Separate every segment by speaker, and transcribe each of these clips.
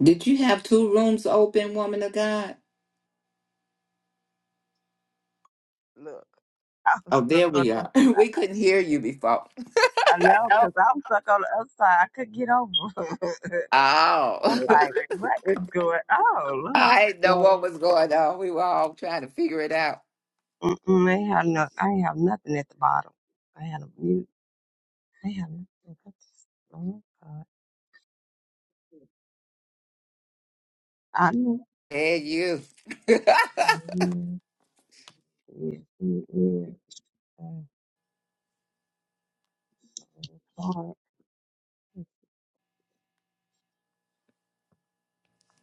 Speaker 1: Did you have two rooms open, woman of God?
Speaker 2: Look, I was
Speaker 1: Oh,
Speaker 2: stuck
Speaker 1: there
Speaker 2: on
Speaker 1: we
Speaker 2: the
Speaker 1: are. We
Speaker 2: side.
Speaker 1: couldn't hear you before.
Speaker 2: I know,
Speaker 1: No.
Speaker 2: because I was stuck on the other side. I couldn't get over. it. I'm
Speaker 1: Oh,
Speaker 2: like, what is going on, Lord?
Speaker 1: I didn't know
Speaker 2: Well,
Speaker 1: what was going on. We were all trying to figure it out.
Speaker 2: mm-mm, I have no, I ain't have nothing at the bottom. I had a mute. I ain't have nothing. I just, oh my God. I know.
Speaker 1: And you.
Speaker 2: Yeah, yeah, yeah. yeah. Oh, God.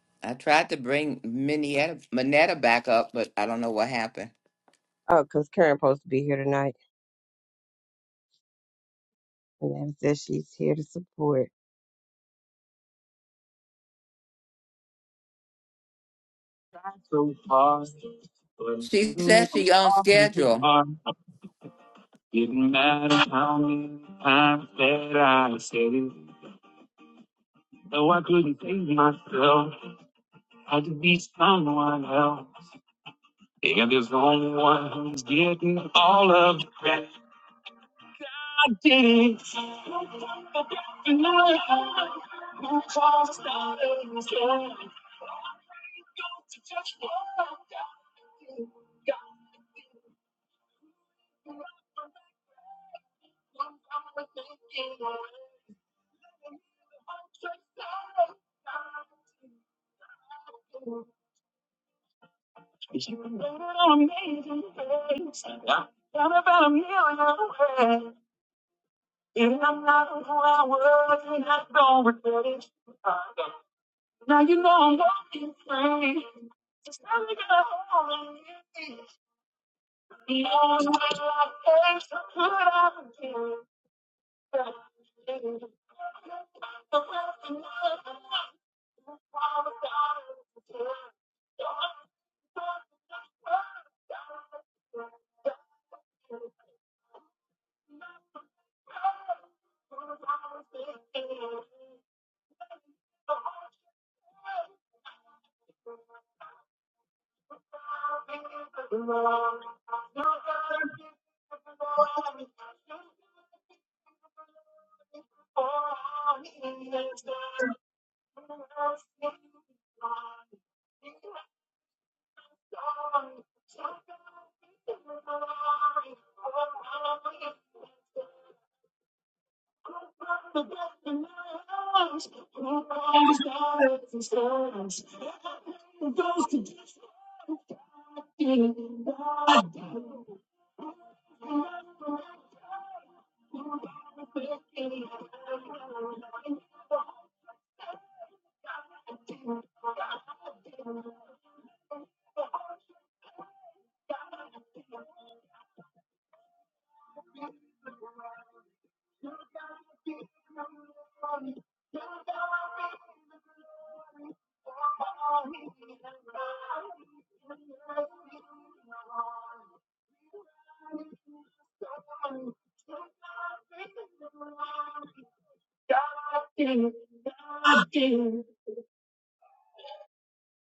Speaker 1: I tried to bring Minetta, Minetta back up, but I don't know what happened.
Speaker 2: Oh, 'cause Karen supposed to be here tonight, and Anna says she's here to support. That's so
Speaker 1: She said she on schedule.
Speaker 2: hard. Didn't matter how many times that I said it. No, I couldn't save myself. Had to be someone else. Yeah, there's only one who's getting all of the credit. I did it.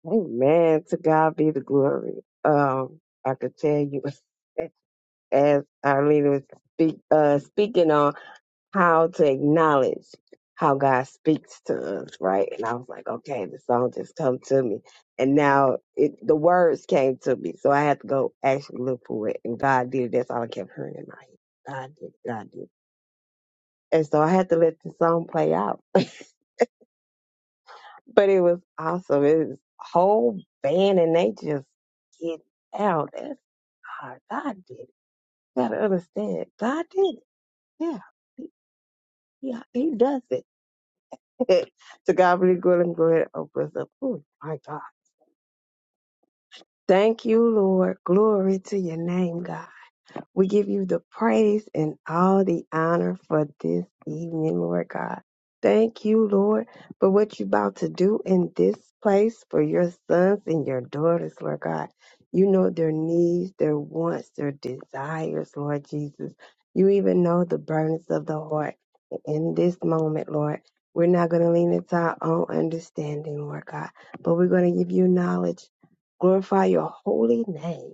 Speaker 2: Amen. To God be the glory. Um, I could tell you as Arlene was speak, uh, speaking on. how to acknowledge how God speaks to us, right? And I was like, okay, the song just come to me. And now it the words came to me. So I had to go actually look for it. And God did it. That's all I kept hearing in my head. God did, it, God did. it. And so I had to let the song play out. but it was awesome. It was whole band and they just get out. That's hard. God did it. You gotta understand. God did it. Yeah. He, yeah, he does it. to God be the glory and glory of us. Oh my God. Thank you, Lord. Glory to your name, God. We give you the praise and all the honor for this evening, Lord God. Thank you, Lord, for what you're about to do in this place for your sons and your daughters, Lord God. You know their needs, their wants, their desires, Lord Jesus. You even know the burdens of the heart. In this moment, Lord, we're not going to lean into our own understanding, Lord God, but we're going to give you knowledge. Glorify your holy name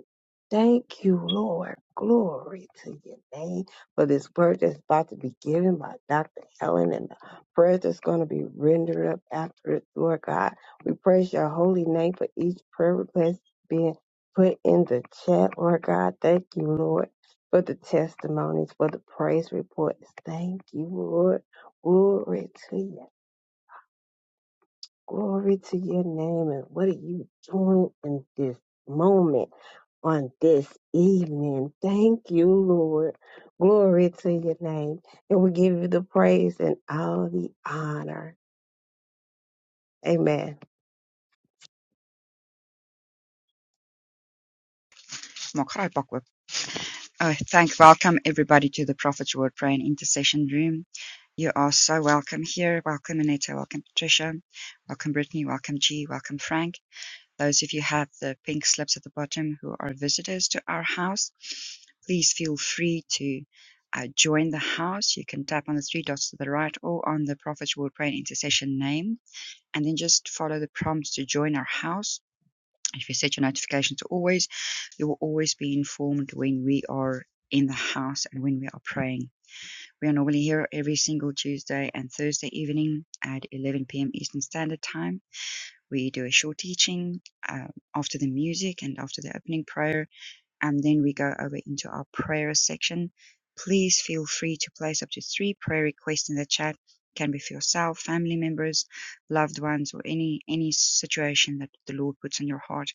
Speaker 2: Thank you, Lord. Glory to your name for this word that's about to be given by Dr. Helen and the prayer that's going to be rendered up after it, Lord God. We praise your holy name for each prayer request being put in the chat, Lord God. Thank you, Lord, for the testimonies, for the praise reports. Thank you, Lord. Glory to you. Glory to your name. And what are you doing in this moment? on this evening. Thank you, Lord. Glory to your name. And we give you the praise and all the honor. Amen.
Speaker 3: Oh, thank welcome everybody to the Prophet's Word Prayer and Intercession Room. You are so welcome here. Welcome Aneta, welcome Patricia, welcome Brittany, welcome G, welcome Frank. Those of you have the pink slips at the bottom who are visitors to our house, please feel free to uh, join the house. You can tap on the three dots to the right or on the Prophet's Word Prayer and Intercession name, and then just follow the prompts to join our house if you set your notification to always, you will always be informed when we are in the house and when we are praying. We are normally here every single Tuesday and Thursday evening at 11 p.m. Eastern Standard Time. We do a short teaching um, after the music and after the opening prayer, and then we go over into our prayer section. Please feel free to place up to three prayer requests in the chat. It Can be for yourself, family members, loved ones, or any any situation that the Lord puts on your heart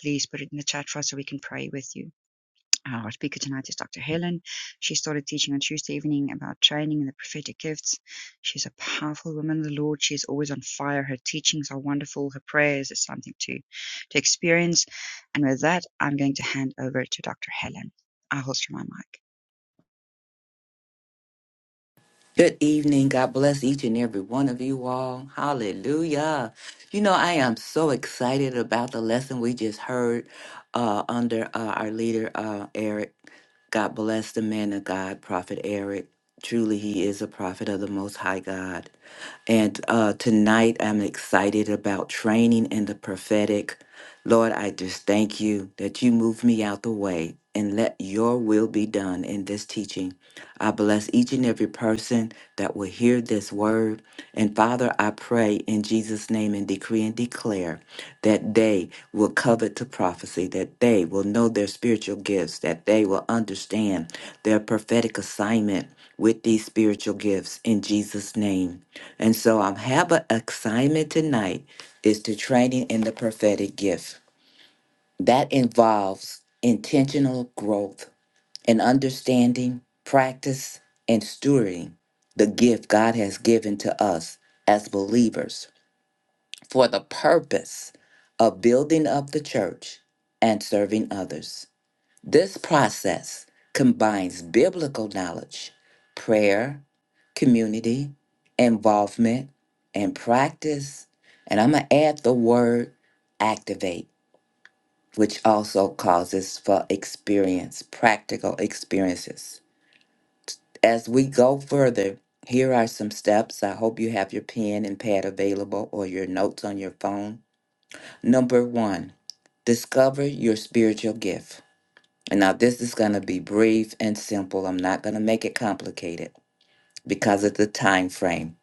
Speaker 3: please put it in the chat for us so we can pray with you. Our speaker tonight is Dr. Helen. She started teaching on Tuesday evening about training and the prophetic gifts. She's a powerful woman of the Lord. She's always on fire. Her teachings are wonderful. Her prayers is something to, to experience. And with that, I'm going to hand over to Dr. Helen. I'll holster my mic.
Speaker 1: Good evening. God bless each and every one of you all. Hallelujah. You know, I am so excited about the lesson we just heard uh, under uh, our leader, uh, Eric. God bless the man of God, Prophet Eric. Truly, he is a prophet of the Most High God. And uh, tonight, I'm excited about training in the prophetic. Lord, I just thank you that you move me out the way and let your will be done in this teaching. I bless each and every person that will hear this word. And Father, I pray in Jesus' name and decree and declare that they will covet to prophecy, that they will know their spiritual gifts, that they will understand their prophetic assignment with these spiritual gifts in Jesus' name. And so I have an assignment tonight is to training in the prophetic gift. That involves intentional growth and understanding, practice, and stewarding the gift God has given to us as believers for the purpose of building up the church and serving others. This process combines biblical knowledge, prayer, community, involvement, and practice. And I'm going to add the word activate, which also causes for experience, practical experiences. As we go further, here are some steps. I hope you have your pen and pad available or your notes on your phone. Number one, discover your spiritual gift. And now this is going to be brief and simple. I'm not going to make it complicated because of the time frame.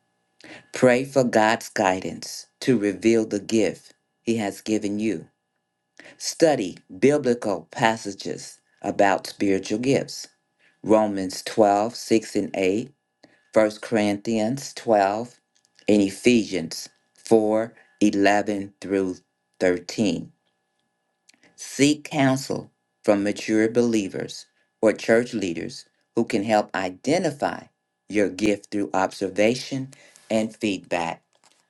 Speaker 1: Pray for God's guidance to reveal the gift he has given you. Study biblical passages about spiritual gifts. Romans 12:6 and 8, 1 Corinthians 12, and Ephesians 4:11 through 13. Seek counsel from mature believers or church leaders who can help identify your gift through observation and feedback.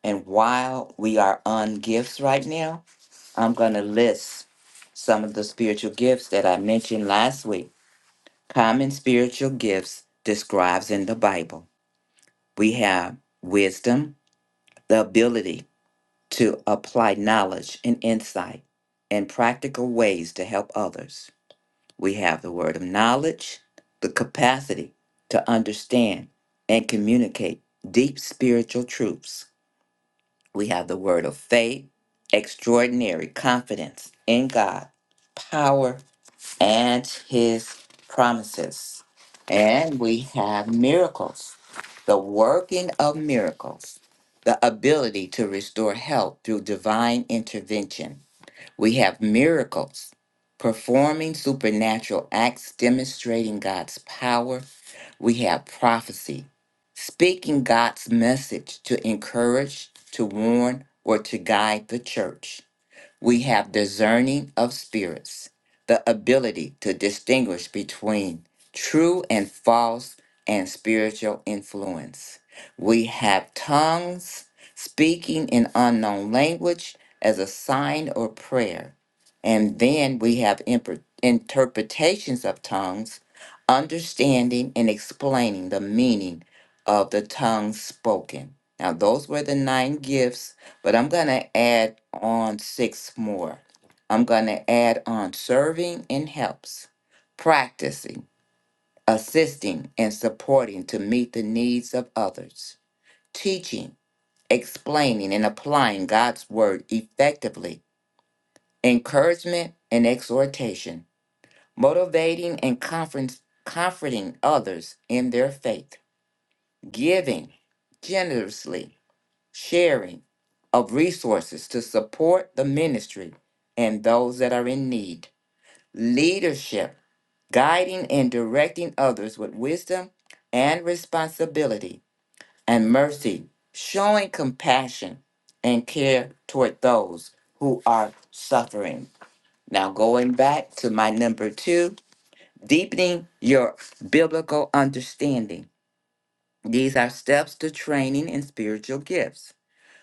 Speaker 1: And while we are on gifts right now, I'm going to list some of the spiritual gifts that I mentioned last week. Common spiritual gifts describes in the Bible. We have wisdom, the ability to apply knowledge and insight in practical ways to help others We have the word of knowledge, the capacity to understand and communicate deep spiritual truths. We have the word of faith, extraordinary confidence in God, power, and his promises. And we have miracles, the working of miracles, the ability to restore health through divine intervention we have miracles, performing supernatural acts demonstrating God's power. We have prophecy, speaking God's message to encourage, to warn, or to guide the church. We have discerning of spirits, the ability to distinguish between true and false and spiritual influence. We have tongues, speaking in unknown language as a sign or prayer. And then we have imper- interpretations of tongues, understanding and explaining the meaning of the tongue spoken. Now, those were the nine gifts but I'm going to add on six more. I'm going to add on serving and helps, practicing, assisting, and supporting to meet the needs of others, teaching, explaining, and applying God's word effectively, encouragement and exhortation, motivating and conference, comforting others in their faith, giving generously sharing of resources to support the ministry and those that are in need, leadership, guiding and directing others with wisdom and responsibility and mercy, showing compassion and care toward those who are suffering. Now, going back to my number two, deepening your biblical understanding. These are steps to training in spiritual gifts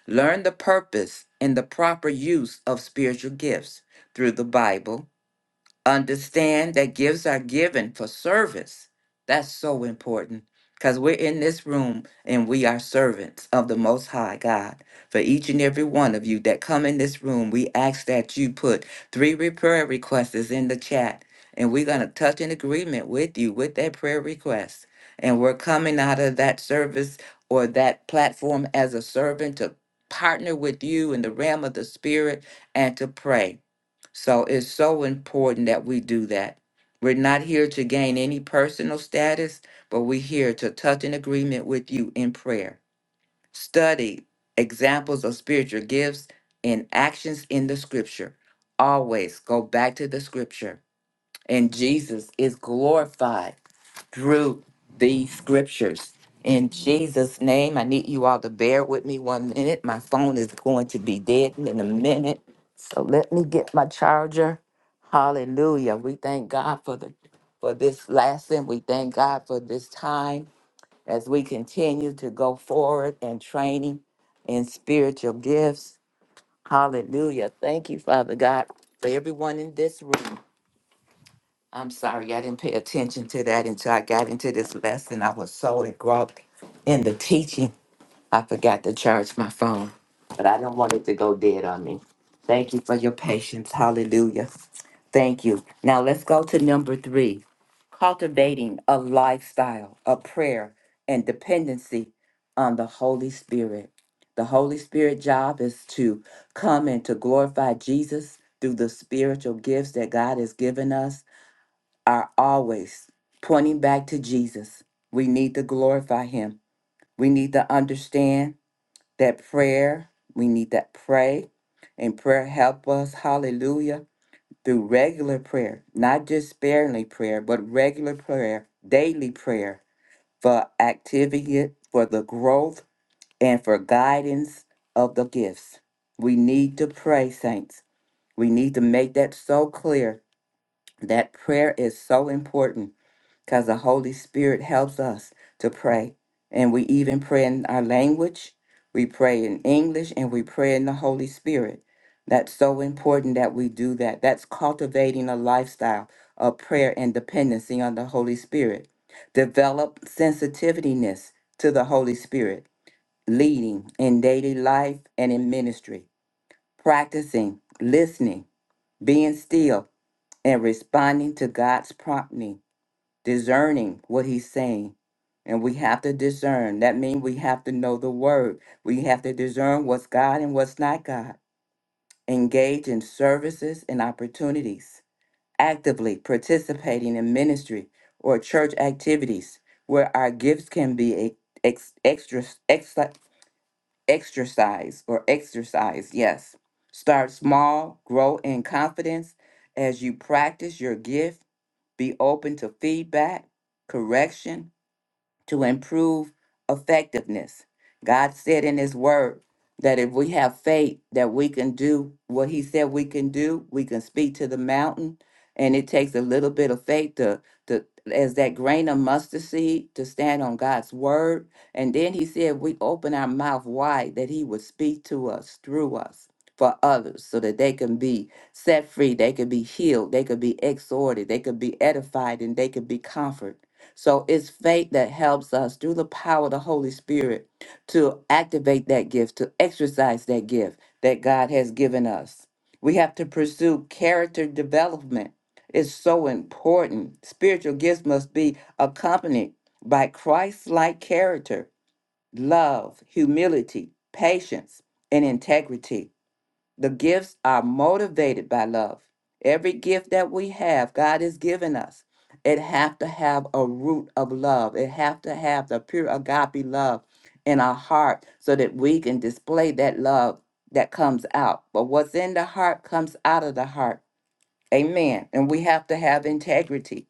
Speaker 1: Learn the purpose and the proper use of spiritual gifts through the Bible understand that gifts are given for service. That's so important because we're in this room and we are servants of the Most High God. For each and every one of you that come in this room, we ask that you put three re- prayer requests in the chat and we're going to touch an agreement with you with that prayer request. And we're coming out of that service or that platform as a servant to partner with you in the realm of the spirit and to pray. So it's so important that we do that. We're not here to gain any personal status, but we're here to touch an agreement with you in prayer. Study examples of spiritual gifts and actions in the scripture. Always go back to the scripture, and Jesus is glorified through these scriptures. In Jesus' name, I need you all to bear with me one minute. My phone is going to be dead in a minute. So let me get my charger. Hallelujah. We thank God for the for this lesson. We thank God for this time as we continue to go forward and training in spiritual gifts. Hallelujah. Thank you, Father God, for everyone in this room. I'm sorry, I didn't pay attention to that until I got into this lesson. I was so engulfed in the teaching, I forgot to charge my phone, but I don't want it to go dead on me. Thank you for your patience. Hallelujah. Thank you. Now let's go to number three cultivating a lifestyle of prayer and dependency on the Holy Spirit. The Holy Spirit job is to come and to glorify Jesus through the spiritual gifts that God has given us are always pointing back to Jesus. We need to glorify him. We need to understand that prayer, we need to pray, and prayer help us, hallelujah, through regular prayer, not just sparingly prayer, but regular prayer, daily prayer for activity, for the growth, and for guidance of the gifts. We need to pray, saints. We need to make that so clear. That prayer is so important because the Holy Spirit helps us to pray. And we even pray in our language, we pray in English, and we pray in the Holy Spirit. That's so important that we do that. That's cultivating a lifestyle of prayer and dependency on the Holy Spirit. Develop sensitiveness to the Holy Spirit, leading in daily life and in ministry, practicing, listening, being still, and responding to God's prompting discerning what he's saying. And we have to discern. That means we have to know the word. We have to discern what's God and what's not God. Engage in services and opportunities. Actively participating in ministry or church activities where our gifts can be e-, ex- extra, extra, exercise or exercise. Yes. Start small, grow in confidence as you practice your gift. Be open to feedback, correction, to improve effectiveness. God said in His Word that if we have faith that we can do what He said we can do, we can speak to the mountain. And it takes a little bit of faith to, to as that grain of mustard seed to stand on God's word. And then he said we open our mouth wide that he would speak to us through us for others so that they can be set free, they could be healed, they could be exhorted, they could be edified, and they could be comforted. So it's faith that helps us through the power of the Holy Spirit to activate that gift, to exercise that gift that God has given us. We have to pursue character development. It's so important. Spiritual gifts must be accompanied by Christ like character, love, humility, patience, and integrity. The gifts are motivated by love. Every gift that we have, God has given us. It have to have a root of love. It have to have the pure agape love in our heart so that we can display that love that comes out. But what's in the heart comes out of the heart. Amen. And we have to have integrity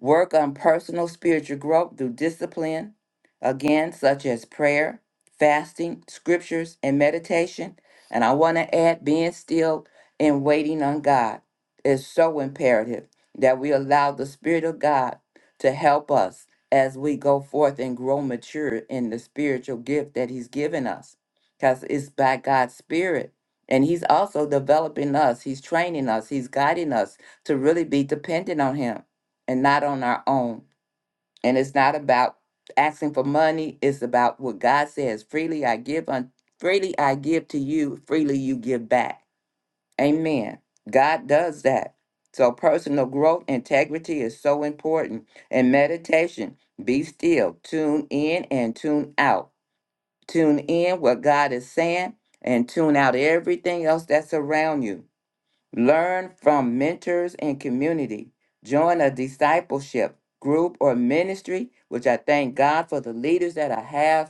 Speaker 1: Work on personal spiritual growth through discipline, again, such as prayer, fasting, scriptures, and meditation. And I want to add being still and waiting on God is so imperative that we allow the Spirit of God to help us as we go forth and grow mature in the spiritual gift that He's given us. Because it's by God's Spirit. And He's also developing us, He's training us, He's guiding us to really be dependent on Him and not on our own. And it's not about asking for money, it's about what God says freely I give un- freely I give to you, freely you give back. Amen. God does that. So personal growth, integrity is so important. And meditation, be still, tune in and tune out. Tune in what God is saying and tune out everything else that's around you. Learn from mentors and community. Join a discipleship group or ministry, which I thank God for the leaders that I have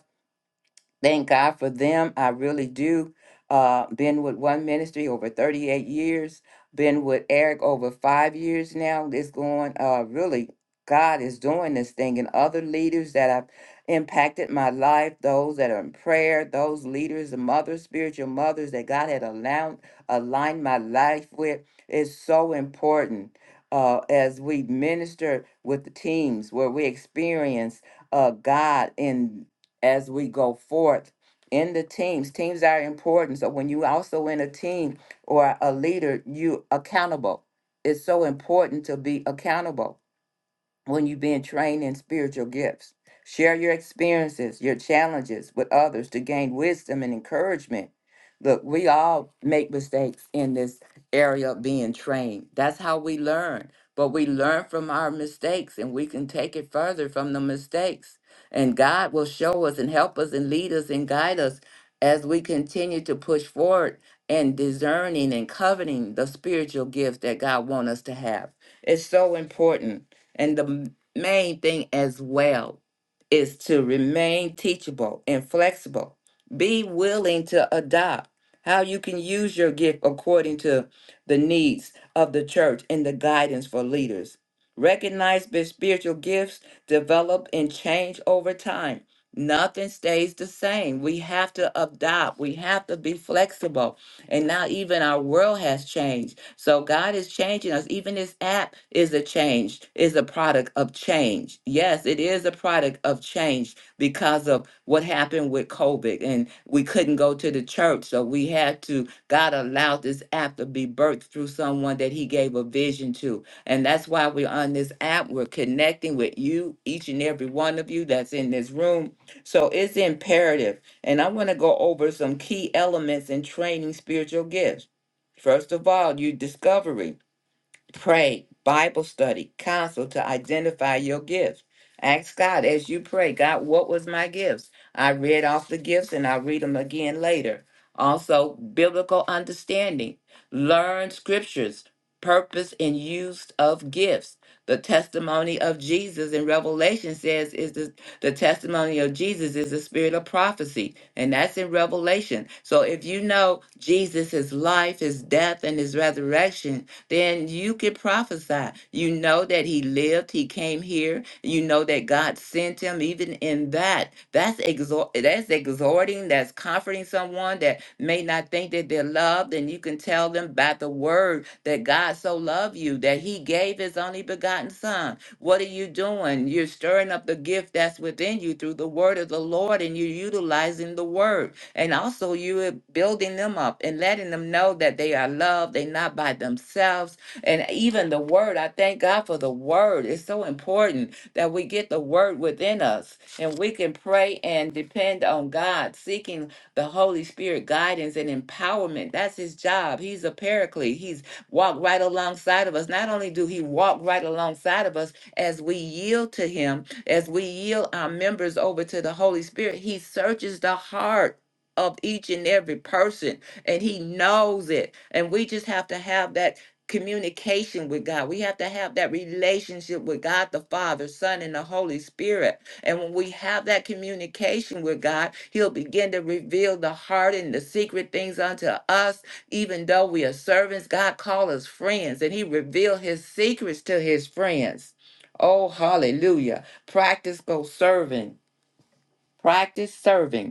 Speaker 1: thank God for them. I really do. Uh, been with one ministry over 38 years, been with Eric over five years now. It's going uh, really, God is doing this thing, and other leaders that have impacted my life, those that are in prayer, those leaders, the mothers, spiritual mothers that God had allowed, aligned my life with, is so important. Uh, as we minister with the teams where we experience uh, God in as we go forth in the teams. Teams are important. So when you also in a team or a leader, you accountable. It's so important to be accountable when you've been trained in spiritual gifts. Share your experiences, your challenges with others to gain wisdom and encouragement. Look, we all make mistakes in this area of being trained. That's how we learn. But we learn from our mistakes and we can take it further from the mistakes. And God will show us and help us and lead us and guide us as we continue to push forward and discerning and coveting the spiritual gifts that God wants us to have. It's so important and the main thing as well is to remain teachable and flexible. Be willing to adopt how you can use your gift according to the needs of the church and the guidance for leaders. Recognize that spiritual gifts develop and change over time. Nothing stays the same. We have to adopt. We have to be flexible. And now even our world has changed so God is changing us. Even this app is a change, is a product of change. Yes, it is a product of change because of what happened with COVID and we couldn't go to the church. So we had to, God allowed this app to be birthed through someone that he gave a vision to. And that's why we're on this app. We're connecting with you, each and every one of you that's in this room. So it's imperative. And I want to go over some key elements in training spiritual gifts. First of all, you discovery pray, Bible study, counsel to identify your gifts. Ask God as you pray, God, what was my gifts? I read off the gifts and I'll read them again later. Also, biblical understanding. Learn scriptures, purpose and use of gifts. The testimony of Jesus in Revelation says is the, the testimony of Jesus is the spirit of prophecy, and that's in Revelation. So if you know Jesus, his life, his death, and his resurrection, then you could prophesy. You know that he lived, he came here. You know that God sent him even in that. That's exhort that's exhorting, that's comforting someone that may not think that they're loved and you can tell them by the word that God so loved you that he gave his only begotten son. What are you doing? You're stirring up the gift that's within you through the word of the Lord and you're utilizing the word. And also, you are building them up and letting them know that they are loved. They're not by themselves. And even the word, I thank God for the word. It's so important that we get the word within us and we can pray and depend on God, seeking the Holy Spirit guidance and empowerment. That's his job. He's a paraclete. He's walked right alongside of us. Not only do he walk right alongside of us as we yield to him, as we yield our members over to the Holy Spirit, he searches the heart of each and every person, and He knows it. And we just have to have that communication with God. We have to have that relationship with God the Father, Son, and the Holy Spirit. And when we have that communication with God, He'll begin to reveal the heart and the secret things unto us. Even though we are servants, God call us friends, and He reveal His secrets to His friends. Oh, hallelujah. Practice both serving. Practice serving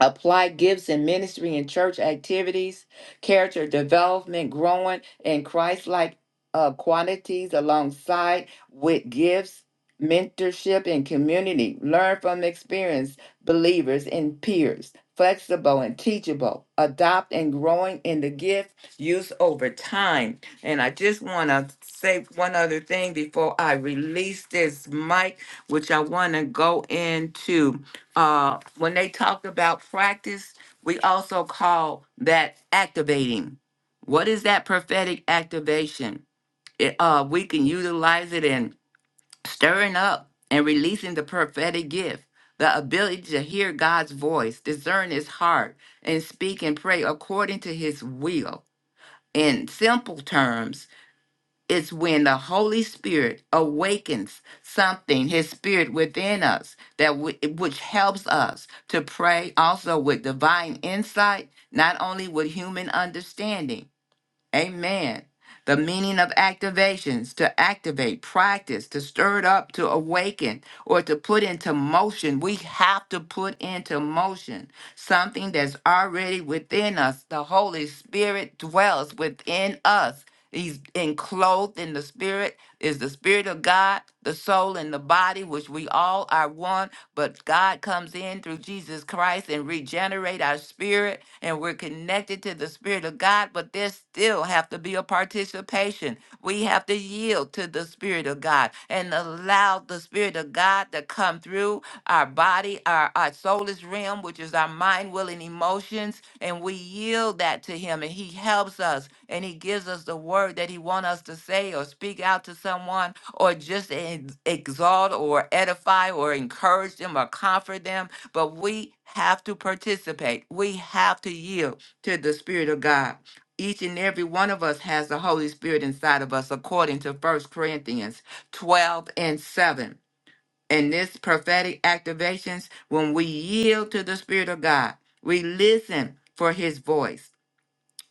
Speaker 1: apply gifts in ministry and church activities, character development, growing in Christ like uh, quantities alongside with gifts mentorship and community, learn from experienced believers and peers, flexible and teachable, adopt and growing in the gift use over time. And I just want to say one other thing before I release this mic, which I want to go into. Uh, when they talk about practice, we also call that activating. What is that prophetic activation? It, uh, we can utilize it in stirring up and releasing the prophetic gift, the ability to hear God's voice, discern his heart, and speak and pray according to his will. In simple terms, it's when the Holy Spirit awakens something, his spirit within us, that w- which helps us to pray also with divine insight, not only with human understanding. Amen. The meaning of activations to activate, practice, to stir it up, to awaken, or to put into motion. We have to put into motion something that's already within us. The Holy Spirit dwells within us. He's enclothed in the spirit, is the spirit of God, the soul and the body, which we all are one. But God comes in through Jesus Christ and regenerate our spirit, and we're connected to the spirit of God. But there still have to be a participation. We have to yield to the spirit of God and allow the spirit of God to come through our body, our, our soulless realm, which is our mind, will, and emotions. And we yield that to Him, and He helps us, and He gives us the word that He wants us to say or speak out to someone, or just ex- exalt or edify or encourage them or comfort them. But we have to participate, we have to yield to the Spirit of God. Each and every one of us has the Holy Spirit inside of us, according to First Corinthians 12 and 7 in this prophetic activations when we yield to the spirit of god we listen for his voice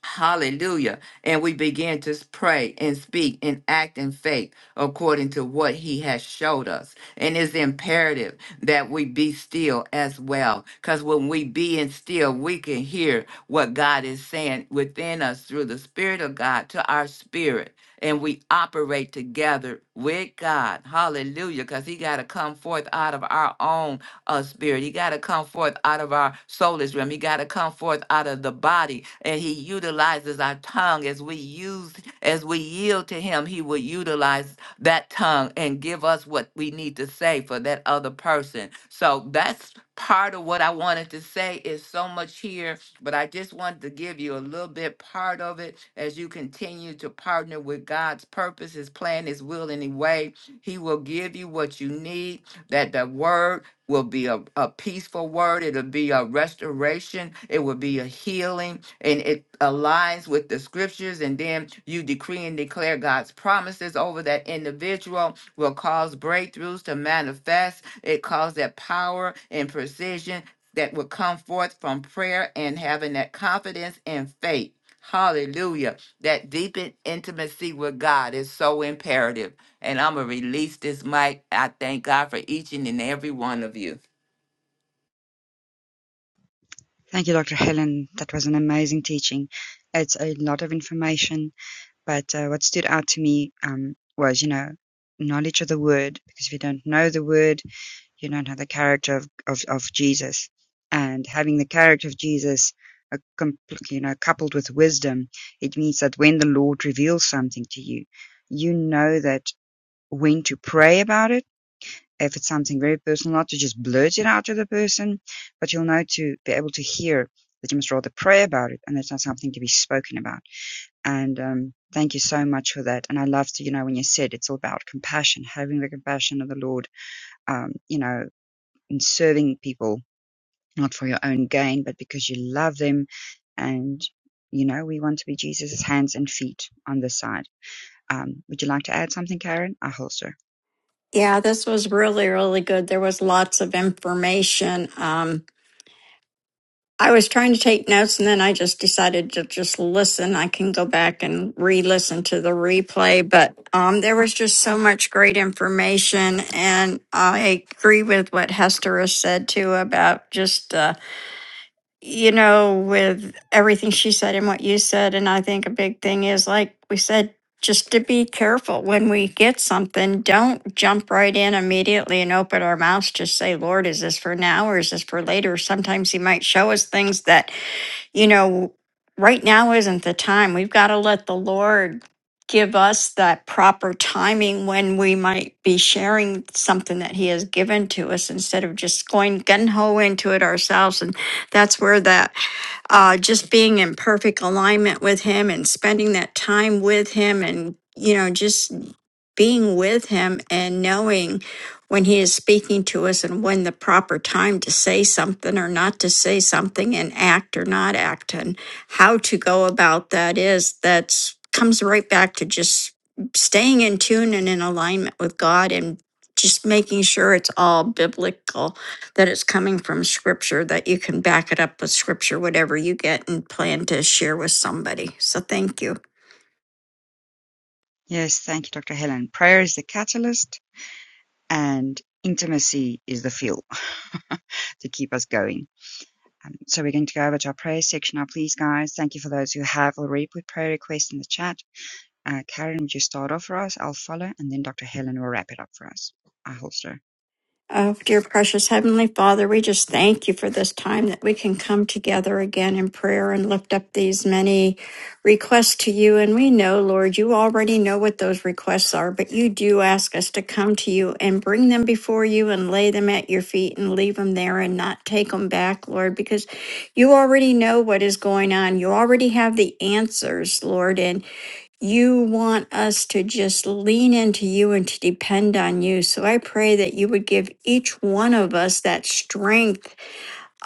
Speaker 1: Hallelujah. And we begin to pray and speak and act in faith according to what he has showed us. And it's imperative that we be still as well. Because when we be in still, we can hear what God is saying within us through the Spirit of God to our spirit. And we operate together with God. Hallelujah. Because he got to come forth out of our own uh, spirit. He got to come forth out of our soulless realm. He got to come forth out of the body. And he utilizes our tongue as we use, as we yield to him, he will utilize that tongue and give us what we need to say for that other person. So that's part of what I wanted to say is so much here, but I just wanted to give you a little bit part of it as you continue to partner with God's purpose, his plan, his will, and his way. He will give you what you need, that the word will be a, a peaceful word. It'll be a restoration. It will be a healing. And it aligns with the scriptures. And then you decree and declare God's promises over that individual will cause breakthroughs to manifest. It calls that power and precision that will come forth from prayer and having that confidence and faith. Hallelujah. That deepened intimacy with God is so imperative. And I'm going to release this mic. I thank God for each and and every one of you.
Speaker 3: Thank you, Dr. Helen. That was an amazing teaching. It's a lot of information, but uh, what stood out to me um, was, you know, knowledge of the word, because if you don't know the word, You don't have the character of, of, of Jesus. And having the character of Jesus, a, you know, coupled with wisdom, it means that when the Lord reveals something to you, you know that when to pray about it. If it's something very personal, not to just blurt it out to the person, but you'll know to be able to hear that you must rather pray about it and it's not something to be spoken about. And um, thank you so much for that. And I love to, you know, when you said it's all about compassion, having the compassion of the Lord, um, you know, in serving people, not for your own gain, but because you love them. And, you know, we want to be Jesus' hands and feet on this side. Um, would you like to add something, Karen? I holster.
Speaker 4: Yeah, this was really, really good. There was lots of information. Um, I was trying to take notes and then I just decided to just listen. I can go back and re listen to the replay, but um, there was just so much great information. And I agree with what Hester has said too about just. uh, you know, with everything she said and what you said. And I think a big thing is, like we said, just to be careful when we get something, don't jump right in immediately and open our mouths. Just say, Lord, is this for now or is this for later? Sometimes He might show us things that you know, right now isn't the time. We've got to let the Lord give us that proper timing when we might be sharing something that He has given to us instead of just going gun ho into it ourselves. And that's where that uh, just being in perfect alignment with Him and spending that time with Him and you know just being with him and knowing when he is speaking to us and when the proper time to say something or not to say something and act or not act and how to go about that is that's comes right back to just staying in tune and in alignment with God and just making sure it's all biblical that it's coming from scripture that you can back it up with scripture whatever you get and plan to share with somebody so thank you
Speaker 3: Yes, thank you, Dr. Helen. Prayer is the catalyst and intimacy is the fuel to keep us going. Um, so we're going to go over to our prayer section now, please, guys. Thank you for those who have already put prayer requests in the chat. Uh, Karen, would you start off for us? I'll follow, and then Dr. Helen will wrap it up for us. I holster.
Speaker 4: Oh, dear precious Heavenly Father, we just thank you for this time that we can come together again in prayer and lift up these many requests to you. And we know, Lord, you already know what those requests are, but you do ask us to come to you and bring them before you and lay them at your feet and leave them there and not take them back, Lord, because you already know what is going on. You already have the answers, Lord. And you want us to just lean into you and to depend on you. So I pray that you would give each one of us that strength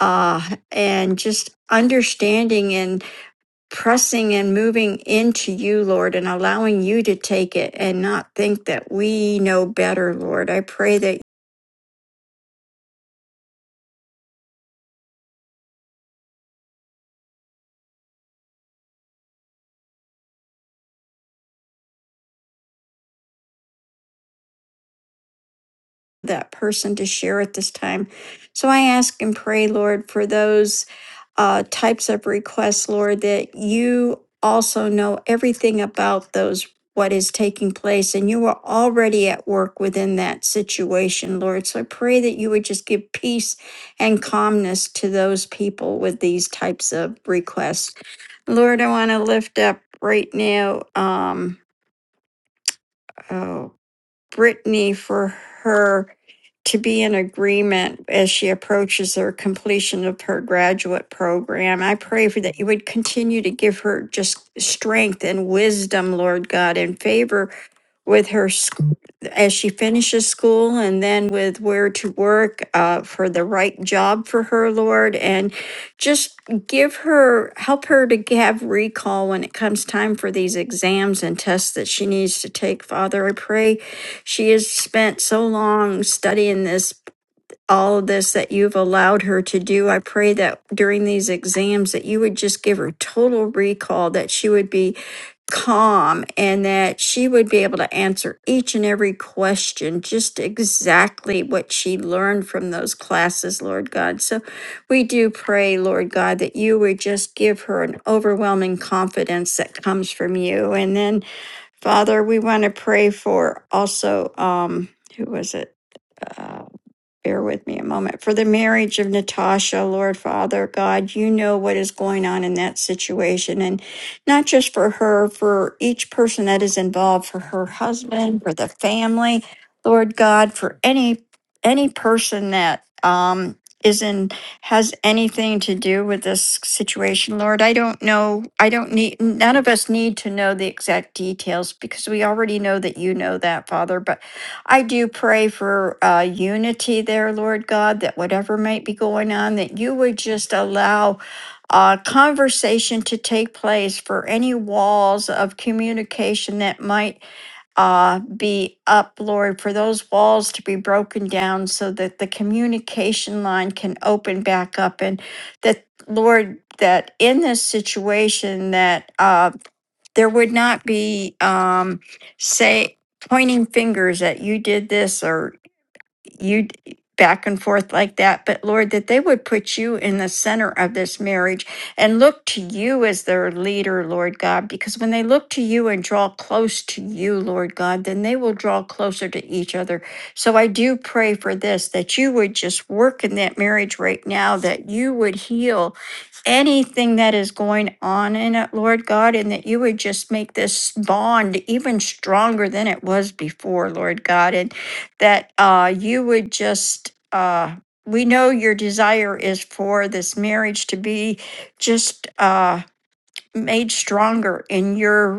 Speaker 4: uh, and just understanding and pressing and moving into you, Lord, and allowing you to take it and not think that we know better, Lord. I pray that that person to share at this time. So I ask and pray, Lord, for those uh, types of requests, Lord, that you also know everything about those, what is taking place, and you are already at work within that situation, Lord. So I pray that you would just give peace and calmness to those people with these types of requests. Lord, I want to lift up right now. Um, oh Brittany for her to be in agreement as she approaches her completion of her graduate program. I pray for that you would continue to give her just strength and wisdom, Lord God, and favor with her as she finishes school and then with where to work uh, for the right job for her, Lord, and just give her, help her to have recall when it comes time for these exams and tests that she needs to take. Father, I pray she has spent so long studying this all of this that you've allowed her to do. I pray that during these exams that you would just give her total recall, that she would be calm and that she would be able to answer each and every question just exactly what she learned from those classes, Lord God. So we do pray, Lord God, that you would just give her an overwhelming confidence that comes from you. And then, Father, we want to pray for also um who was it? Uh, bear with me a moment. For the marriage of Natasha, Lord Father God, you know what is going on in that situation. And not just for her, for each person that is involved, for her husband, for the family, Lord God, for any any person that um is in has anything to do with this situation lord i don't know i don't need none of us need to know the exact details because we already know that you know that father but I do pray for uh, unity there, Lord God, that whatever might be going on, that you would just allow uh, conversation to take place for any walls of communication that might uh, be up, Lord, for those walls to be broken down so that the communication line can open back up and that, Lord, that in this situation that uh, there would not be, um, say, pointing fingers at you did this or you back and forth like that, but Lord, that they would put you in the center of this marriage and look to you as their leader, Lord God, because when they look to you and draw close to you, Lord God, then they will draw closer to each other. So I do pray for this, that you would just work in that marriage right now, that you would heal anything that is going on in it, Lord God, and that you would just make this bond even stronger than it was before, Lord God. And that uh, you would just, uh, we know your desire is for this marriage to be just uh, made stronger in your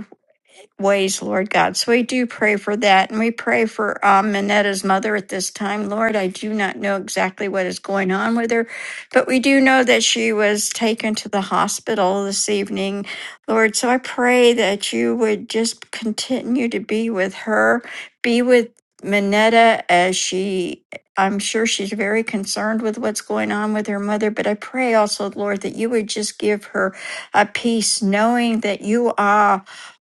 Speaker 4: ways, Lord God. So we do pray for that. And we pray for um, Minetta's mother at this time. Lord, I do not know exactly what is going on with her, but we do know that she was taken to the hospital this evening, Lord. So I pray that you would just continue to be with her, be with Minetta as she. I'm sure she's very concerned with what's going on with her mother, but I pray also, Lord, that you would just give her a peace knowing that you are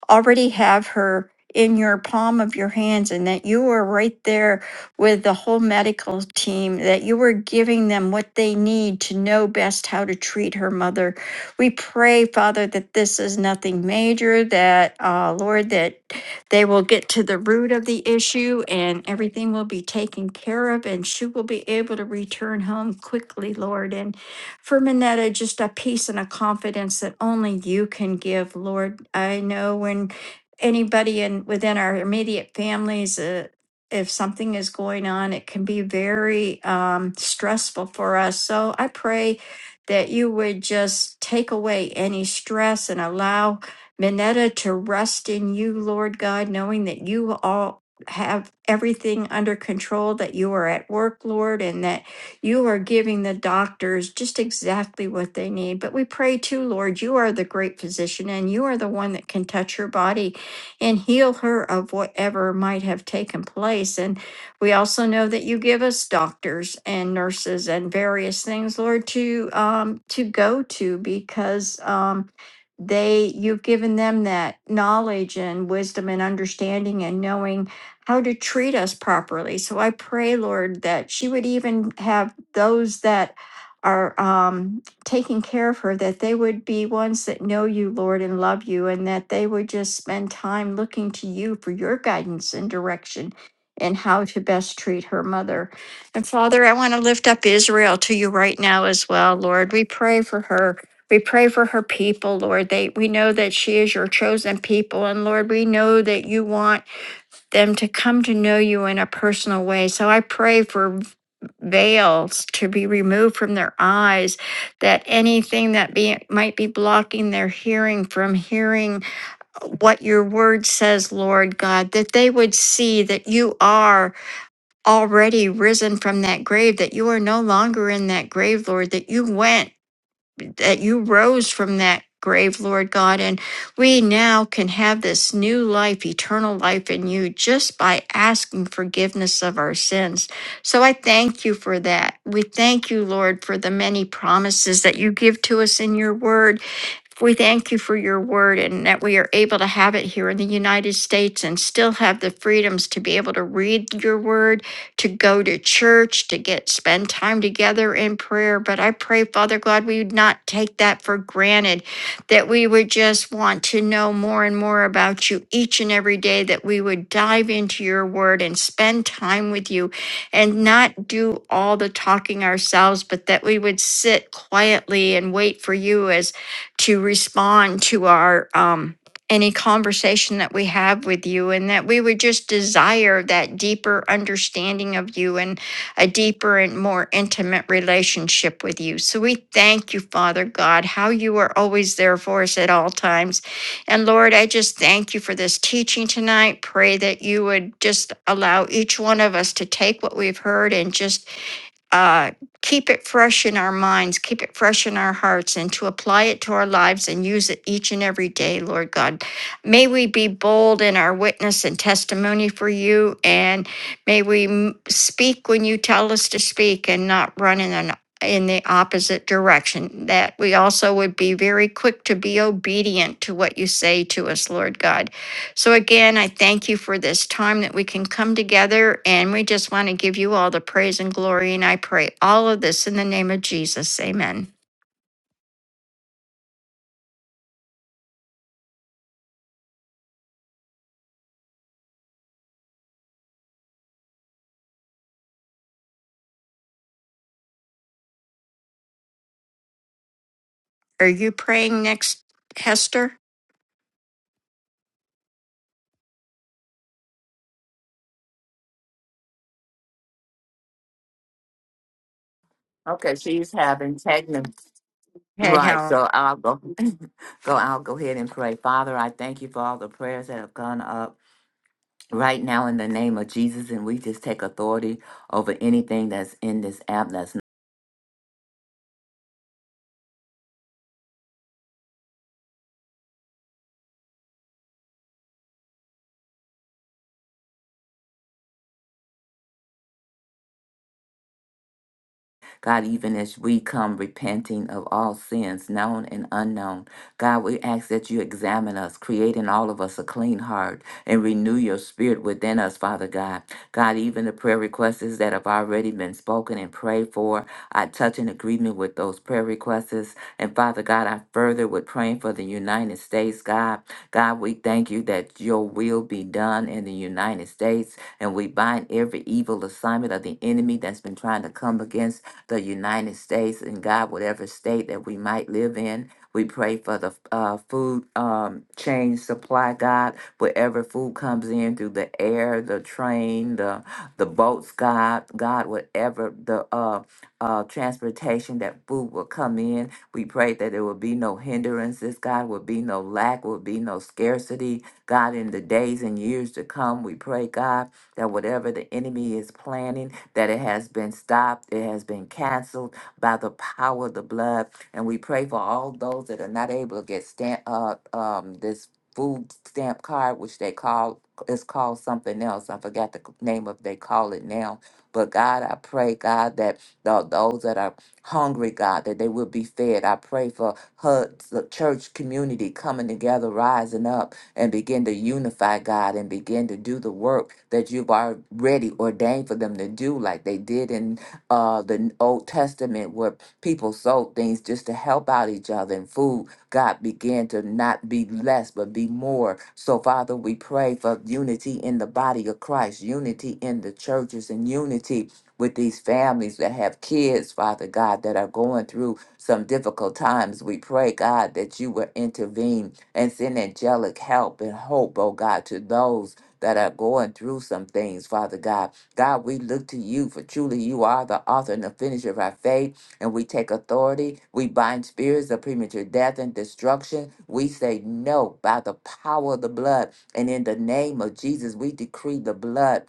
Speaker 4: already have her in your palm of your hands and that you were right there with the whole medical team, that you were giving them what they need to know best how to treat her mother. We pray, Father, that this is nothing major, that, uh, Lord, that they will get to the root of the issue and everything will be taken care of and she will be able to return home quickly, Lord. And for Minetta, just a peace and a confidence that only you can give, Lord. I know when anybody in within our immediate families, uh, if something is going on, it can be very um, stressful for us. So I pray that you would just take away any stress and allow Minetta to rest in you, Lord God, knowing that you all have everything under control, that you are at work, Lord, and that you are giving the doctors just exactly what they need. But we pray too, Lord, you are the great physician and you are the one that can touch her body and heal her of whatever might have taken place. And we also know that you give us doctors and nurses and various things, Lord, to um, to go to because um, they you've given them that knowledge and wisdom and understanding and knowing how to treat us properly. So I pray, Lord, that she would even have those that are um, taking care of her, that they would be ones that know you, Lord, and love you, and that they would just spend time looking to you for your guidance and direction in how to best treat her mother. And Father, I want to lift up Israel to you right now as well, Lord. We pray for her. We pray for her people, Lord. They we know that she is your chosen people, and Lord, we know that you want them to come to know you in a personal way. So I pray for v- veils to be removed from their eyes, that anything that be, might be blocking their hearing from hearing what your word says, Lord God, that they would see that you are already risen from that grave, that you are no longer in that grave, Lord, that you went that you rose from that grave, Lord God, and we now can have this new life, eternal life in you just by asking forgiveness of our sins. So I thank you for that. We thank you, Lord, for the many promises that you give to us in your word. We thank you for your word and that we are able to have it here in the United States and still have the freedoms to be able to read your word to go to church, to get spend time together in prayer. But I pray, Father God, we would not take that for granted, that we would just want to know more and more about you each and every day, that we would dive into your word and spend time with you and not do all the talking ourselves, but that we would sit quietly and wait for you as to respond to our um any conversation that we have with you, and that we would just desire that deeper understanding of you and a deeper and more intimate relationship with you. So we thank you, Father God, how you are always there for us at all times. And Lord, I just thank you for this teaching tonight. Pray that you would just allow each one of us to take what we've heard and just uh, keep it fresh in our minds, keep it fresh in our hearts, and to apply it to our lives and use it each and every day, Lord God. May we be bold in our witness and testimony for you, and may we m- speak when you tell us to speak and not run in an in the opposite direction, that we also would be very quick to be obedient to what you say to us, Lord God so again, I thank you for this time that we can come together and we just want to give you all the praise and glory. And I pray all of this in the name of Jesus. Amen. Are you praying next, Hester?
Speaker 1: Okay, she's having technical.
Speaker 4: Head,
Speaker 1: Right,
Speaker 4: Helen.
Speaker 1: so I'll go. go. I'll go ahead and pray. Father, I thank you for all the prayers that have gone up right now in the name of Jesus, and we just take authority over anything that's in this app that's God, even as we come repenting of all sins, known and unknown, God, we ask that you examine us, create in all of us a clean heart, and renew your spirit within us, Father God. God, even the prayer requests that have already been spoken and prayed for, I touch in agreement with those prayer requests. And Father God, I further with praying for the United States, God. God, we thank you that your will be done in the United States, and we bind every evil assignment of the enemy that's been trying to come against the United States and God, whatever state that we might live in. We pray for the uh, food um, chain supply, God, wherever food comes in through the air, the train, the the boats, God, God, whatever the uh, uh, transportation that food will come in. We pray that there will be no hindrances, God, will be no lack, will be no scarcity, God, in the days and years to come. We pray, God, that whatever the enemy is planning, that it has been stopped, it has been canceled by the power of the blood. And we pray for all those that are not able to get stamp uh, um this food stamp card, which they call it's called something else. I forgot the name of they call it now. But God, I pray, God, that th- those that are hungry, God, that they will be fed. I pray for her, the church community coming together, rising up and begin to unify God and begin to do the work that you've already ordained for them to do, like they did in uh, the Old Testament, where people sold things just to help out each other and food. God began to not be less, but be more. So, Father, we pray for unity in the body of Christ, unity in the churches, and unity with these families that have kids, Father God, that are going through some difficult times. We pray, God, that you will intervene and send angelic help and hope, oh God, to those that are going through some things, Father God. God, we look to you, for truly you are the author and the finisher of our faith, and we take authority. We bind spirits of premature death and destruction. We say no by the power of the blood. And in the name of Jesus, we decree the blood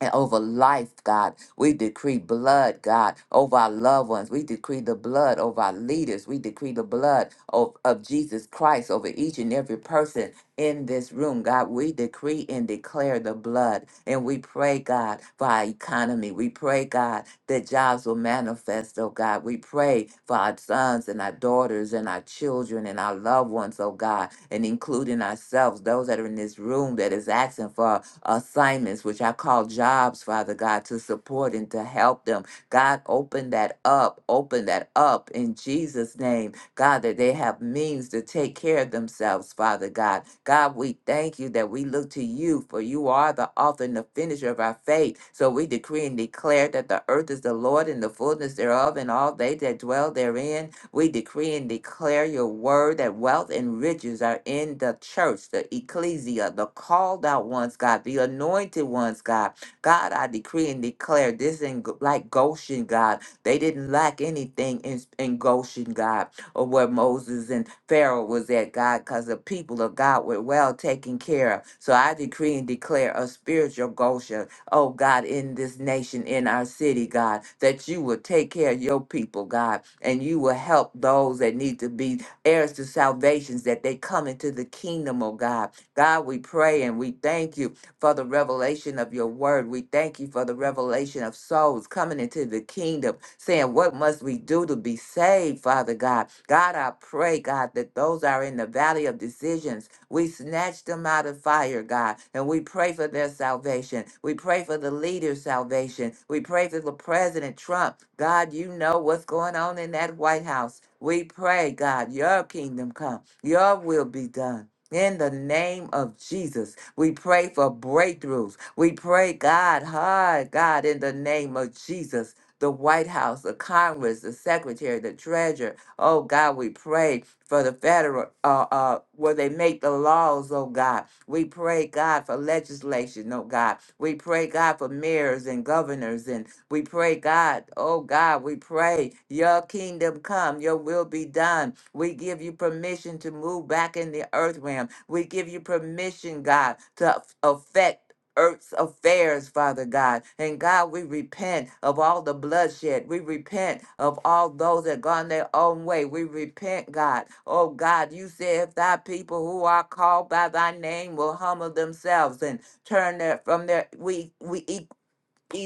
Speaker 1: and over life, God. We decree blood, God, over our loved ones. We decree the blood over our leaders. We decree the blood of, of Jesus Christ over each and every person in this room, God. We decree and declare the blood. And we pray, God, for our economy. We pray, God, that jobs will manifest, oh God. We pray for our sons and our daughters and our children and our loved ones, oh God, and including ourselves, those that are in this room that is asking for assignments, which I call jobs, Father God, to support and to help them. God, open that up, open that up in Jesus' name. God, that they have means to take care of themselves, Father God. God, we thank you that we look to you, for you are the author and the finisher of our faith. So we decree and declare that the earth is the Lord and the fullness thereof, and all they that dwell therein. We decree and declare your word that wealth and riches are in the church, the ecclesia, the called out ones, God, the anointed ones, God. God, I decree and declare this in G- like Goshen, God. They didn't lack anything in, in Goshen, God, or where Moses and Pharaoh was at, God, because the people of God were well taken care of. So I decree and declare a spiritual Goshen oh God, in this nation, in our city, God, that you will take care of your people, God, and you will help those that need to be heirs to salvations, that they come into the kingdom, oh God. God, we pray and we thank you for the revelation of your word. We thank you for the revelation of souls coming into the kingdom, saying, What must we do to be saved, Father God? God, I pray, God, that those are in the valley of decisions we snatch them out of fire, God, and we pray for their salvation. We pray for the leader's salvation. We pray for the President Trump. God, you know what's going on in that White House. We pray, God, your kingdom come, your will be done. In the name of Jesus, we pray for breakthroughs. We pray, God, hard, God, in the name of Jesus, the White House, the Congress, the Secretary, the Treasurer. Oh, God, we pray for the federal, uh, uh, where they make the laws, oh God. We pray, God, for legislation, oh God. We pray, God, for mayors and governors. And we pray, God, oh God, we pray, your kingdom come, your will be done. We give you permission to move back in the earth realm. We give you permission, God, to affect earth's affairs, Father God. And God, we repent of all the bloodshed. We repent of all those that gone their own way. We repent, God. Oh God, you said if thy people who are called by thy name will humble themselves and turn their, from their we we e,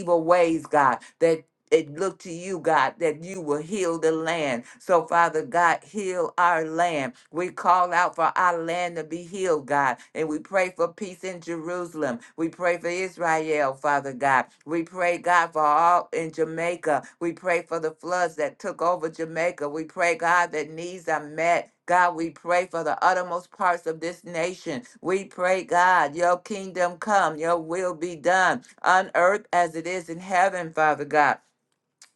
Speaker 1: evil ways, God, that it look to you, God, that you will heal the land. So, Father God, heal our land. We call out for our land to be healed, God, and we pray for peace in Jerusalem. We pray for Israel, Father God. We pray, God, for all in Jamaica. We pray for the floods that took over Jamaica. We pray, God, that needs are met. God, we pray for the uttermost parts of this nation. We pray, God, your kingdom come, your will be done on earth as it is in heaven, Father God.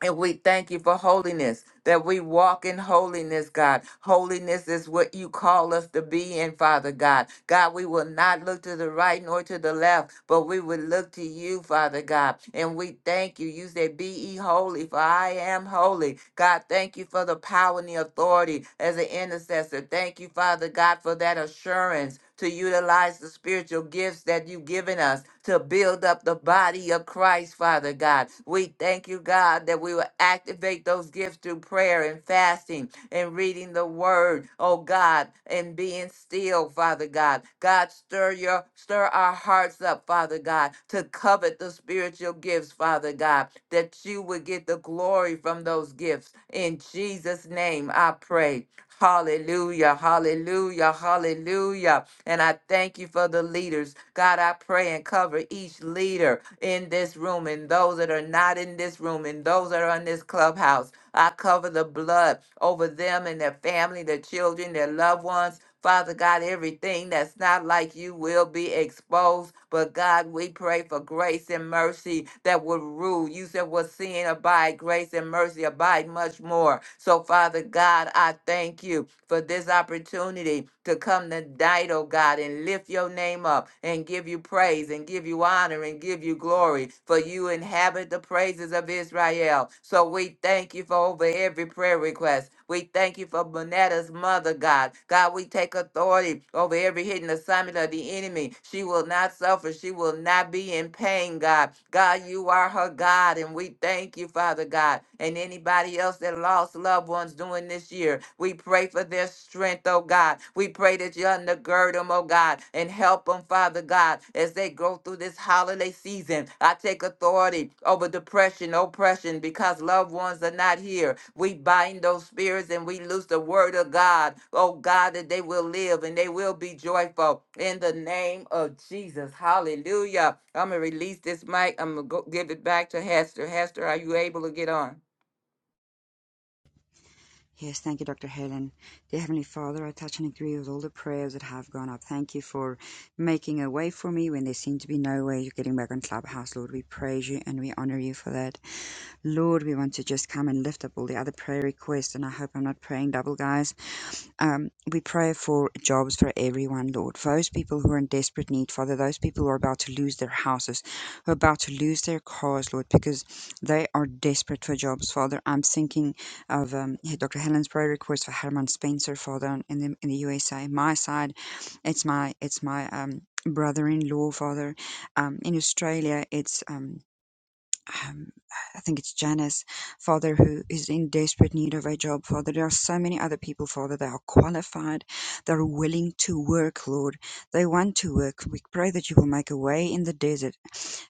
Speaker 1: And we thank you for holiness, that we walk in holiness, God. Holiness is what you call us to be in, Father God. God, we will not look to the right nor to the left, but we will look to you, Father God. And we thank you. You said, Be ye holy, for I am holy. God, thank you for the power and the authority as an intercessor. Thank you, Father God, for that assurance to utilize the spiritual gifts that you've given us to build up the body of Christ, Father God. We thank you, God, that we will activate those gifts through prayer and fasting and reading the word, oh God, and being still, Father God. God, stir your stir our hearts up, Father God, to covet the spiritual gifts, Father God, that you would get the glory from those gifts. In Jesus' name I pray. Hallelujah, hallelujah, hallelujah. And I thank you for the leaders. God, I pray and cover each leader in this room and those that are not in this room and those that are in this clubhouse. I cover the blood over them and their family, their children, their loved ones. Father God, everything that's not like you will be exposed. But God, we pray for grace and mercy that would rule. You said, "What sin abide, grace and mercy abide much more." So, Father God, I thank you for this opportunity to come tonight, oh God, and lift your name up and give you praise and give you honor and give you glory. For you inhabit the praises of Israel. So we thank you for over every prayer request. We thank you for Bonetta's mother, God. God, we take authority over every hidden assignment of the enemy. She will not suffer. She will not be in pain, God. God, you are her God, and we thank you, Father God. And anybody else that lost loved ones during this year, we pray for their strength, oh God. We pray that you undergird them, oh God, and help Help them, Father God, as they go through this holiday season. I take authority over depression, oppression, because loved ones are not here. We bind those spirits and we loose the word of God. Oh God, that they will live and they will be joyful in the name of Jesus. Hallelujah. I'm going to release this mic. I'm going to give it back to Hester. Hester, are you able to get on?
Speaker 5: Yes, thank you, Dr. Helen. Dear Heavenly Father, I touch and agree with all the prayers that have gone up. Thank you for making a way for me when there seemed to be no way. You're getting back on Clubhouse, Lord. We praise you and we honor you for that. Lord, we want to just come and lift up all the other prayer requests, and I hope I'm not praying double, guys. Um, we pray for jobs for everyone, Lord. For those people who are in desperate need, Father, those people who are about to lose their houses, who are about to lose their cars, Lord, because they are desperate for jobs, Father. I'm thinking of um, Dr. Helen's prayer request for Herman Spencer, Father, in the, in the USA. My side, it's my it's my um, brother-in-law, Father. Um, in Australia, it's um, um, I think it's Janice, Father, who is in desperate need of a job, Father. There are so many other people, Father, that are qualified, that are willing to work, Lord. They want to work. We pray that you will make a way in the desert,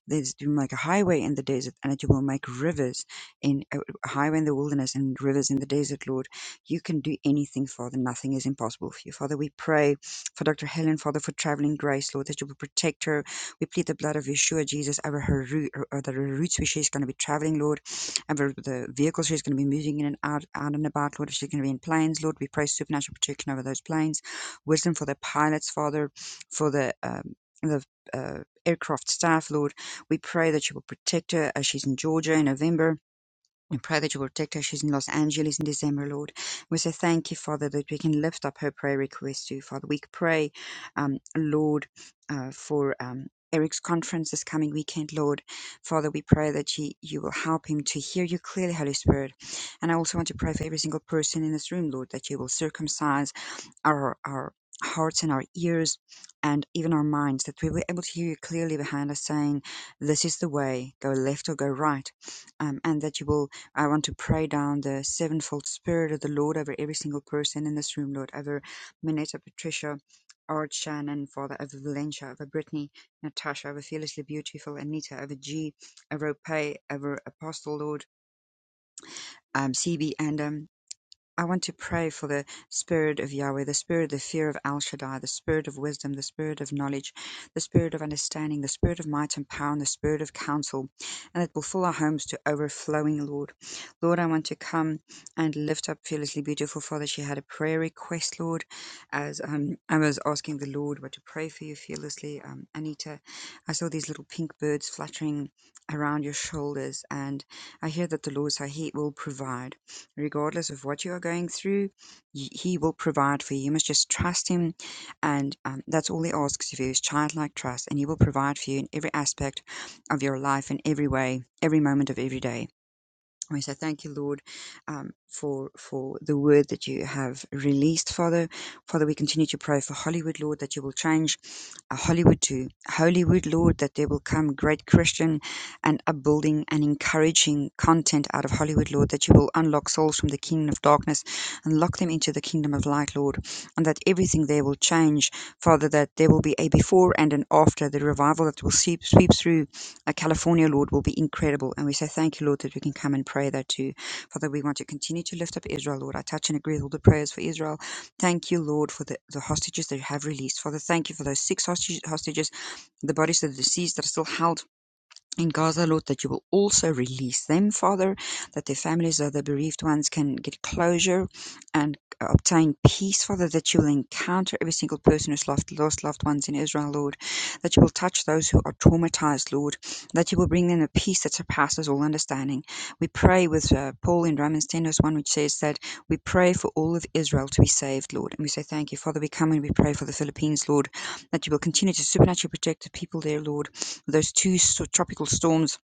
Speaker 5: that you will make a highway in the desert, and that you will make rivers in a a highway in the wilderness and rivers in the desert, Lord. You can do anything, Father. Nothing is impossible for you, Father. We pray for Dr. Helen, Father, for traveling grace, Lord, that you will protect her we plead the blood of Yeshua Jesus over her route, over the routes where she's going to be traveling, Lord, and over the vehicles she's going to be moving in and out, out and about, Lord. If she's going to be in planes, Lord, we pray supernatural protection over those planes, wisdom for the pilots, Father, for the um, the uh, aircraft staff, Lord. We pray that you will protect her as she's in Georgia in November we Pray that you will protect her. she's in Los Angeles in December, Lord. We say thank you, Father, that we can lift up her prayer request to you, Father. We pray, um, Lord, uh, for um, Eric's conference this coming weekend, Lord. Father, we pray that you, you will help him to hear you clearly, Holy Spirit. And I also want to pray for every single person in this room, Lord, that you will circumcise our our hearts and our ears and even our minds that we were able to hear you clearly behind us saying this is the way go left or go right um, and that you will i want to pray down the sevenfold spirit of the lord over every single person in this room lord over minetta patricia art shannon father over valencia over brittany natasha over fearlessly beautiful anita over g over Pay, over apostle lord um, cb and um, I want to pray for the Spirit of Yahweh, the Spirit of the fear of Al Shaddai, the Spirit of wisdom, the Spirit of knowledge, the Spirit of understanding, the Spirit of might and power, and the Spirit of counsel, and it will fill our homes to overflowing, Lord. Lord, I want to come and lift up Fearlessly Beautiful Father. She had a prayer request, Lord, as um, I was asking the Lord what to pray for you fearlessly. Um, Anita, I saw these little pink birds fluttering around your shoulders, and I hear that the Lord said He will provide regardless of what you are going through, y- He will provide for you. You must just trust Him, and um, that's all He asks of you is childlike trust, and He will provide for you in every aspect of your life, in every way, every moment of every day. We say thank you, Lord, um, for for the word that you have released, Father. Father, we continue to pray for Hollywood, Lord, that you will change uh, Hollywood to Hollywood, Lord, that there will come great Christian and upbuilding and encouraging content out of Hollywood, Lord, that you will unlock souls from the kingdom of darkness and lock them into the kingdom of light, Lord, and that everything there will change, Father, that there will be a before and an after. The revival that will sweep, sweep through uh, California, Lord, will be incredible. And we say thank you, Lord, that we can come and pray that too. Father, we want to continue to lift up Israel, Lord. I touch and agree with all the prayers for Israel. Thank you, Lord, for the, the hostages that you have released. Father, thank you for those six hostages, hostages the bodies of the deceased that are still held in Gaza, Lord, that you will also release them, Father, that their families, uh, the bereaved ones, can get closure and uh, obtain peace, Father, that you will encounter every single person who's lost, lost loved ones in Israel, Lord, that you will touch those who are traumatized, Lord, that you will bring them a peace that surpasses all understanding. We pray with uh, Paul in Romans 10, verse 1, which says that we pray for all of Israel to be saved, Lord. And we say thank you, Father. We come and we pray for the Philippines, Lord, that you will continue to supernaturally protect the people there, Lord those two so tropical storms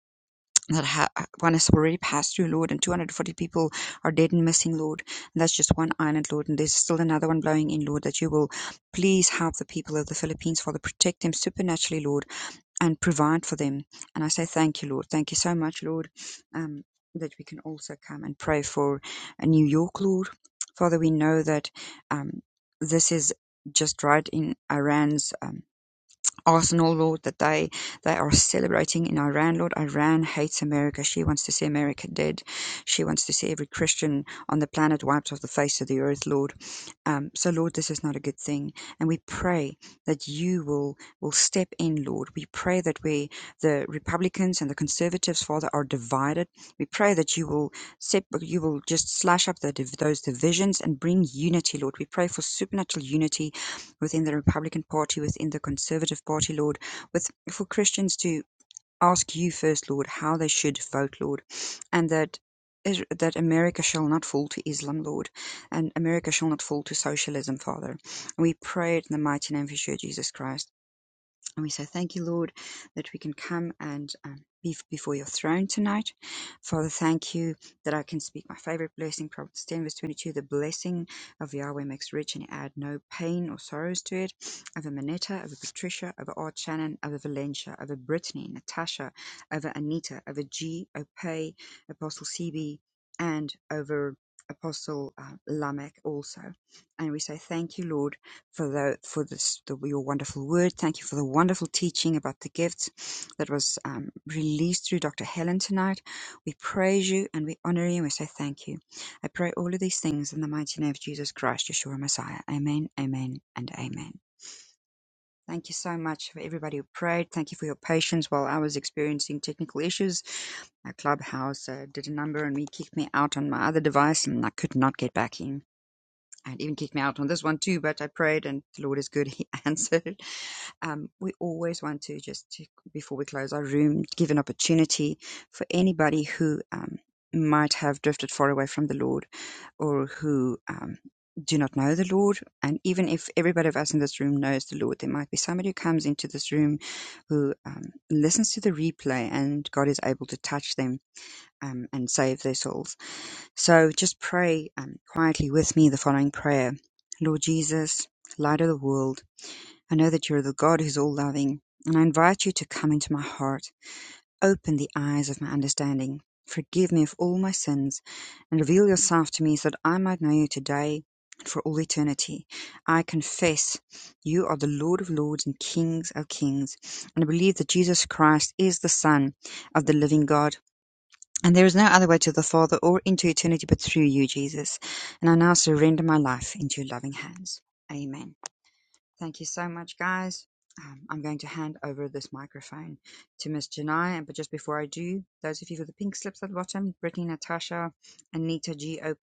Speaker 5: that ha- uh, one has already passed through, Lord, and 240 people are dead and missing, Lord. And that's just one island, Lord. And there's still another one blowing in, Lord, that you will please help the people of the Philippines, Father. Protect them supernaturally, Lord, and provide for them. And I say thank you, Lord. Thank you so much, Lord, um, that we can also come and pray for uh, New York, Lord. Father, we know that um, this is just right in Iran's. Um, Arsenal Lord that they they are celebrating in Iran Lord Iran hates America she wants to see America dead she wants to see every Christian on the planet wiped off the face of the earth Lord um, so Lord this is not a good thing and we pray that you will will step in Lord we pray that we the Republicans and the Conservatives Father are divided we pray that you will sep- you will just slash up the, those divisions and bring unity Lord we pray for supernatural unity within the Republican Party, within the Conservative Party, Lord, with for Christians to ask you first, Lord, how they should vote, Lord, and that that America shall not fall to Islam, Lord, and America shall not fall to socialism, Father. We pray it in the mighty name of your Jesus Christ. And we say, Thank you, Lord, that we can come and um, be before your throne tonight. Father, thank you that I can speak my favorite blessing, Proverbs 10, verse 22. The blessing of Yahweh makes rich, and he add no pain or sorrows to it. Over Manetta, over Patricia, over Art Shannon, over Valencia, over Brittany, Natasha, over Anita, over G, Opay, Apostle CB, and over Apostle uh, Lamech also. And we say, Thank you, Lord for the for this the, your wonderful word. Thank you for the wonderful teaching about the gifts that was um, released through Dr. Helen tonight. We praise you and we honor you and we say thank you. I pray all of these things in the mighty name of Jesus Christ, Yeshua Messiah. Amen, amen, and amen. Thank you so much for everybody who prayed. Thank you for your patience while I was experiencing technical issues. My clubhouse uh, did a number and we kicked me out on my other device, and I could not get back in and even kicked me out on this one too, but I prayed and the Lord is good. He answered. Um, we always want to just, to, before we close our room, give an opportunity for anybody who um, might have drifted far away from the Lord or who um, do not know the Lord. And even if everybody of us in this room knows the Lord, there might be somebody who comes into this room who um, listens to the replay and God is able to touch them um, and save their souls. So just pray um, quietly with me the following prayer Lord Jesus, light of the world, I know that you're the God who's all loving, and I invite you to come into my heart. Open the eyes of my understanding. Forgive me of all my sins, and reveal yourself to me so that I might know you today and for all eternity. I confess you are the Lord of lords and Kings of kings, and I believe that Jesus Christ is the Son of the living God and there is no other way to the Father or into eternity but through you, Jesus. And I now surrender my life into your loving hands. Amen. Thank you so much, guys. Um, I'm going to hand over this microphone to Miss Janai. But just before I do, those of you with the pink slips at the bottom, Brittany, Natasha, Anita G. Ope,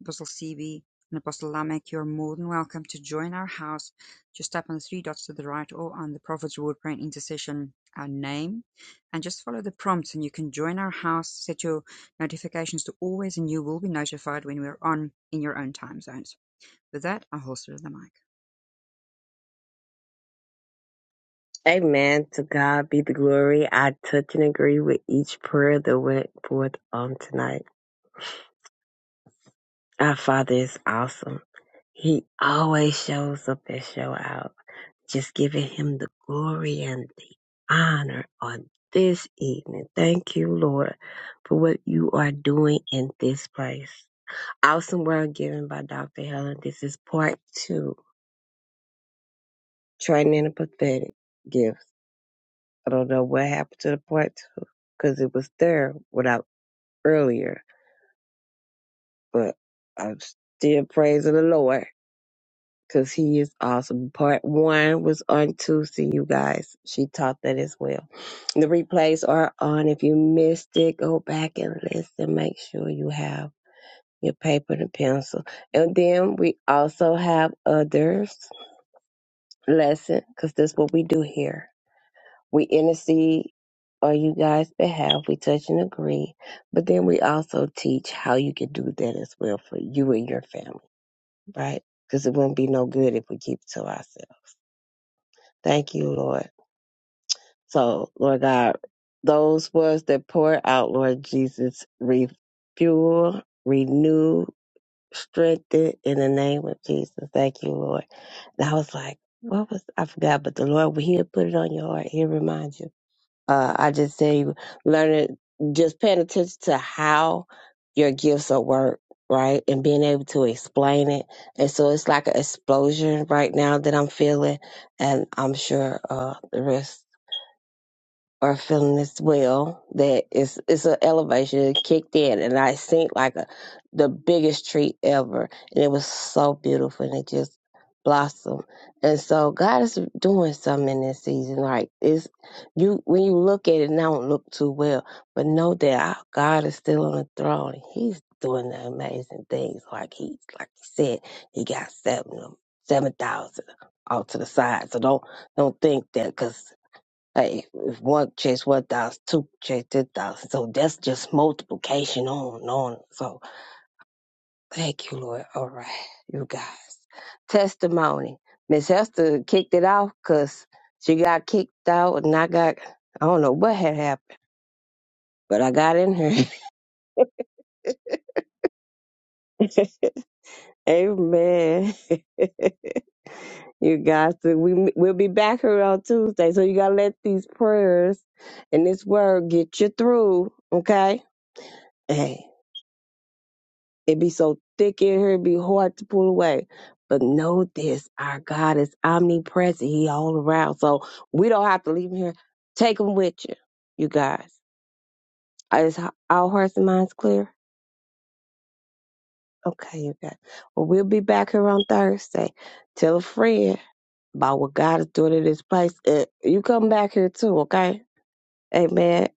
Speaker 5: Apostle CB, and Apostle Lamek, you're more than welcome to join our house. Just tap on the three dots to the right or on the Prophet's Reward Prayer and Intercession, our name, and just follow the prompts and you can join our house. Set your notifications to always and you will be notified when we're on in your own time zones. With that, I'll holster the mic.
Speaker 2: Amen. To God be the glory. I touch and agree with each prayer that went forth on tonight. Our Father is awesome. He always shows up and show out. Just giving him the glory and the honor on this evening. Thank you, Lord, for what you are doing in this place. Awesome World Given by Dr. Helen. This is part two, Training the Pathetic Gifts. I don't know what happened to the part two because it was there without earlier, but I'm still praising the Lord because He is awesome. Part one was on Tuesday, you guys. She taught that as well. The replays are on. If you missed it, go back and listen. Make sure you have your paper and pencil. And then we also have others lesson because that's what we do here. We intercede on you guys' behalf, we touch and agree, but then we also teach how you can do that as well for you and your family, right? Because it wouldn't be no good if we keep it to ourselves. Thank you, Lord. So, Lord God, those words that pour out, Lord Jesus, refuel, renew, strengthened in the name of Jesus. Thank you, Lord. And I was like, what was I forgot? But the Lord, when He'll put it on your heart, He'll remind you. Uh, I just say, learning, just paying attention to how your gifts are worked, right, and being able to explain it. And so it's like an explosion right now that I'm feeling, and I'm sure uh, the rest are feeling as well that it's it's an elevation it kicked in and I seen like a the biggest tree ever and it was so beautiful and it just blossomed and so God is doing something in this season like it's you when you look at it now it don't look too well but know that our God is still on the throne and He's doing the amazing things like he like he said he got seven of them seven thousand off to the side so don't don't think that 'cause Hey, if one chase one thousand, two chase ten thousand. So that's just multiplication on and on. So thank you, Lord. All right, you guys. Testimony. Miss Hester kicked it off, cause she got kicked out and I got, I don't know what had happened, but I got in her. Amen. you guys, so we, we'll be back here on Tuesday. So you got to let these prayers and this word get you through, okay? Hey. It be so thick in here, it be hard to pull away. But know this, our God is omnipresent. He all around. So we don't have to leave him here. Take him with you, you guys. Uh, Is our hearts and minds clear? Okay, you guys. Well, we'll be back here on Thursday. Tell a friend about what God is doing in this place. And you come back here too, okay? Amen.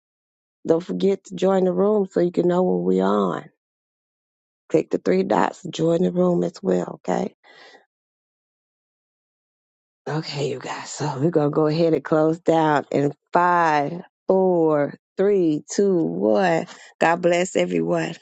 Speaker 2: Don't forget to join the room so you can know when we're on. Click the three dots, join the room as well, okay? Okay, you guys. So we're gonna go ahead and close down in five, four, three, two, one. God bless everyone.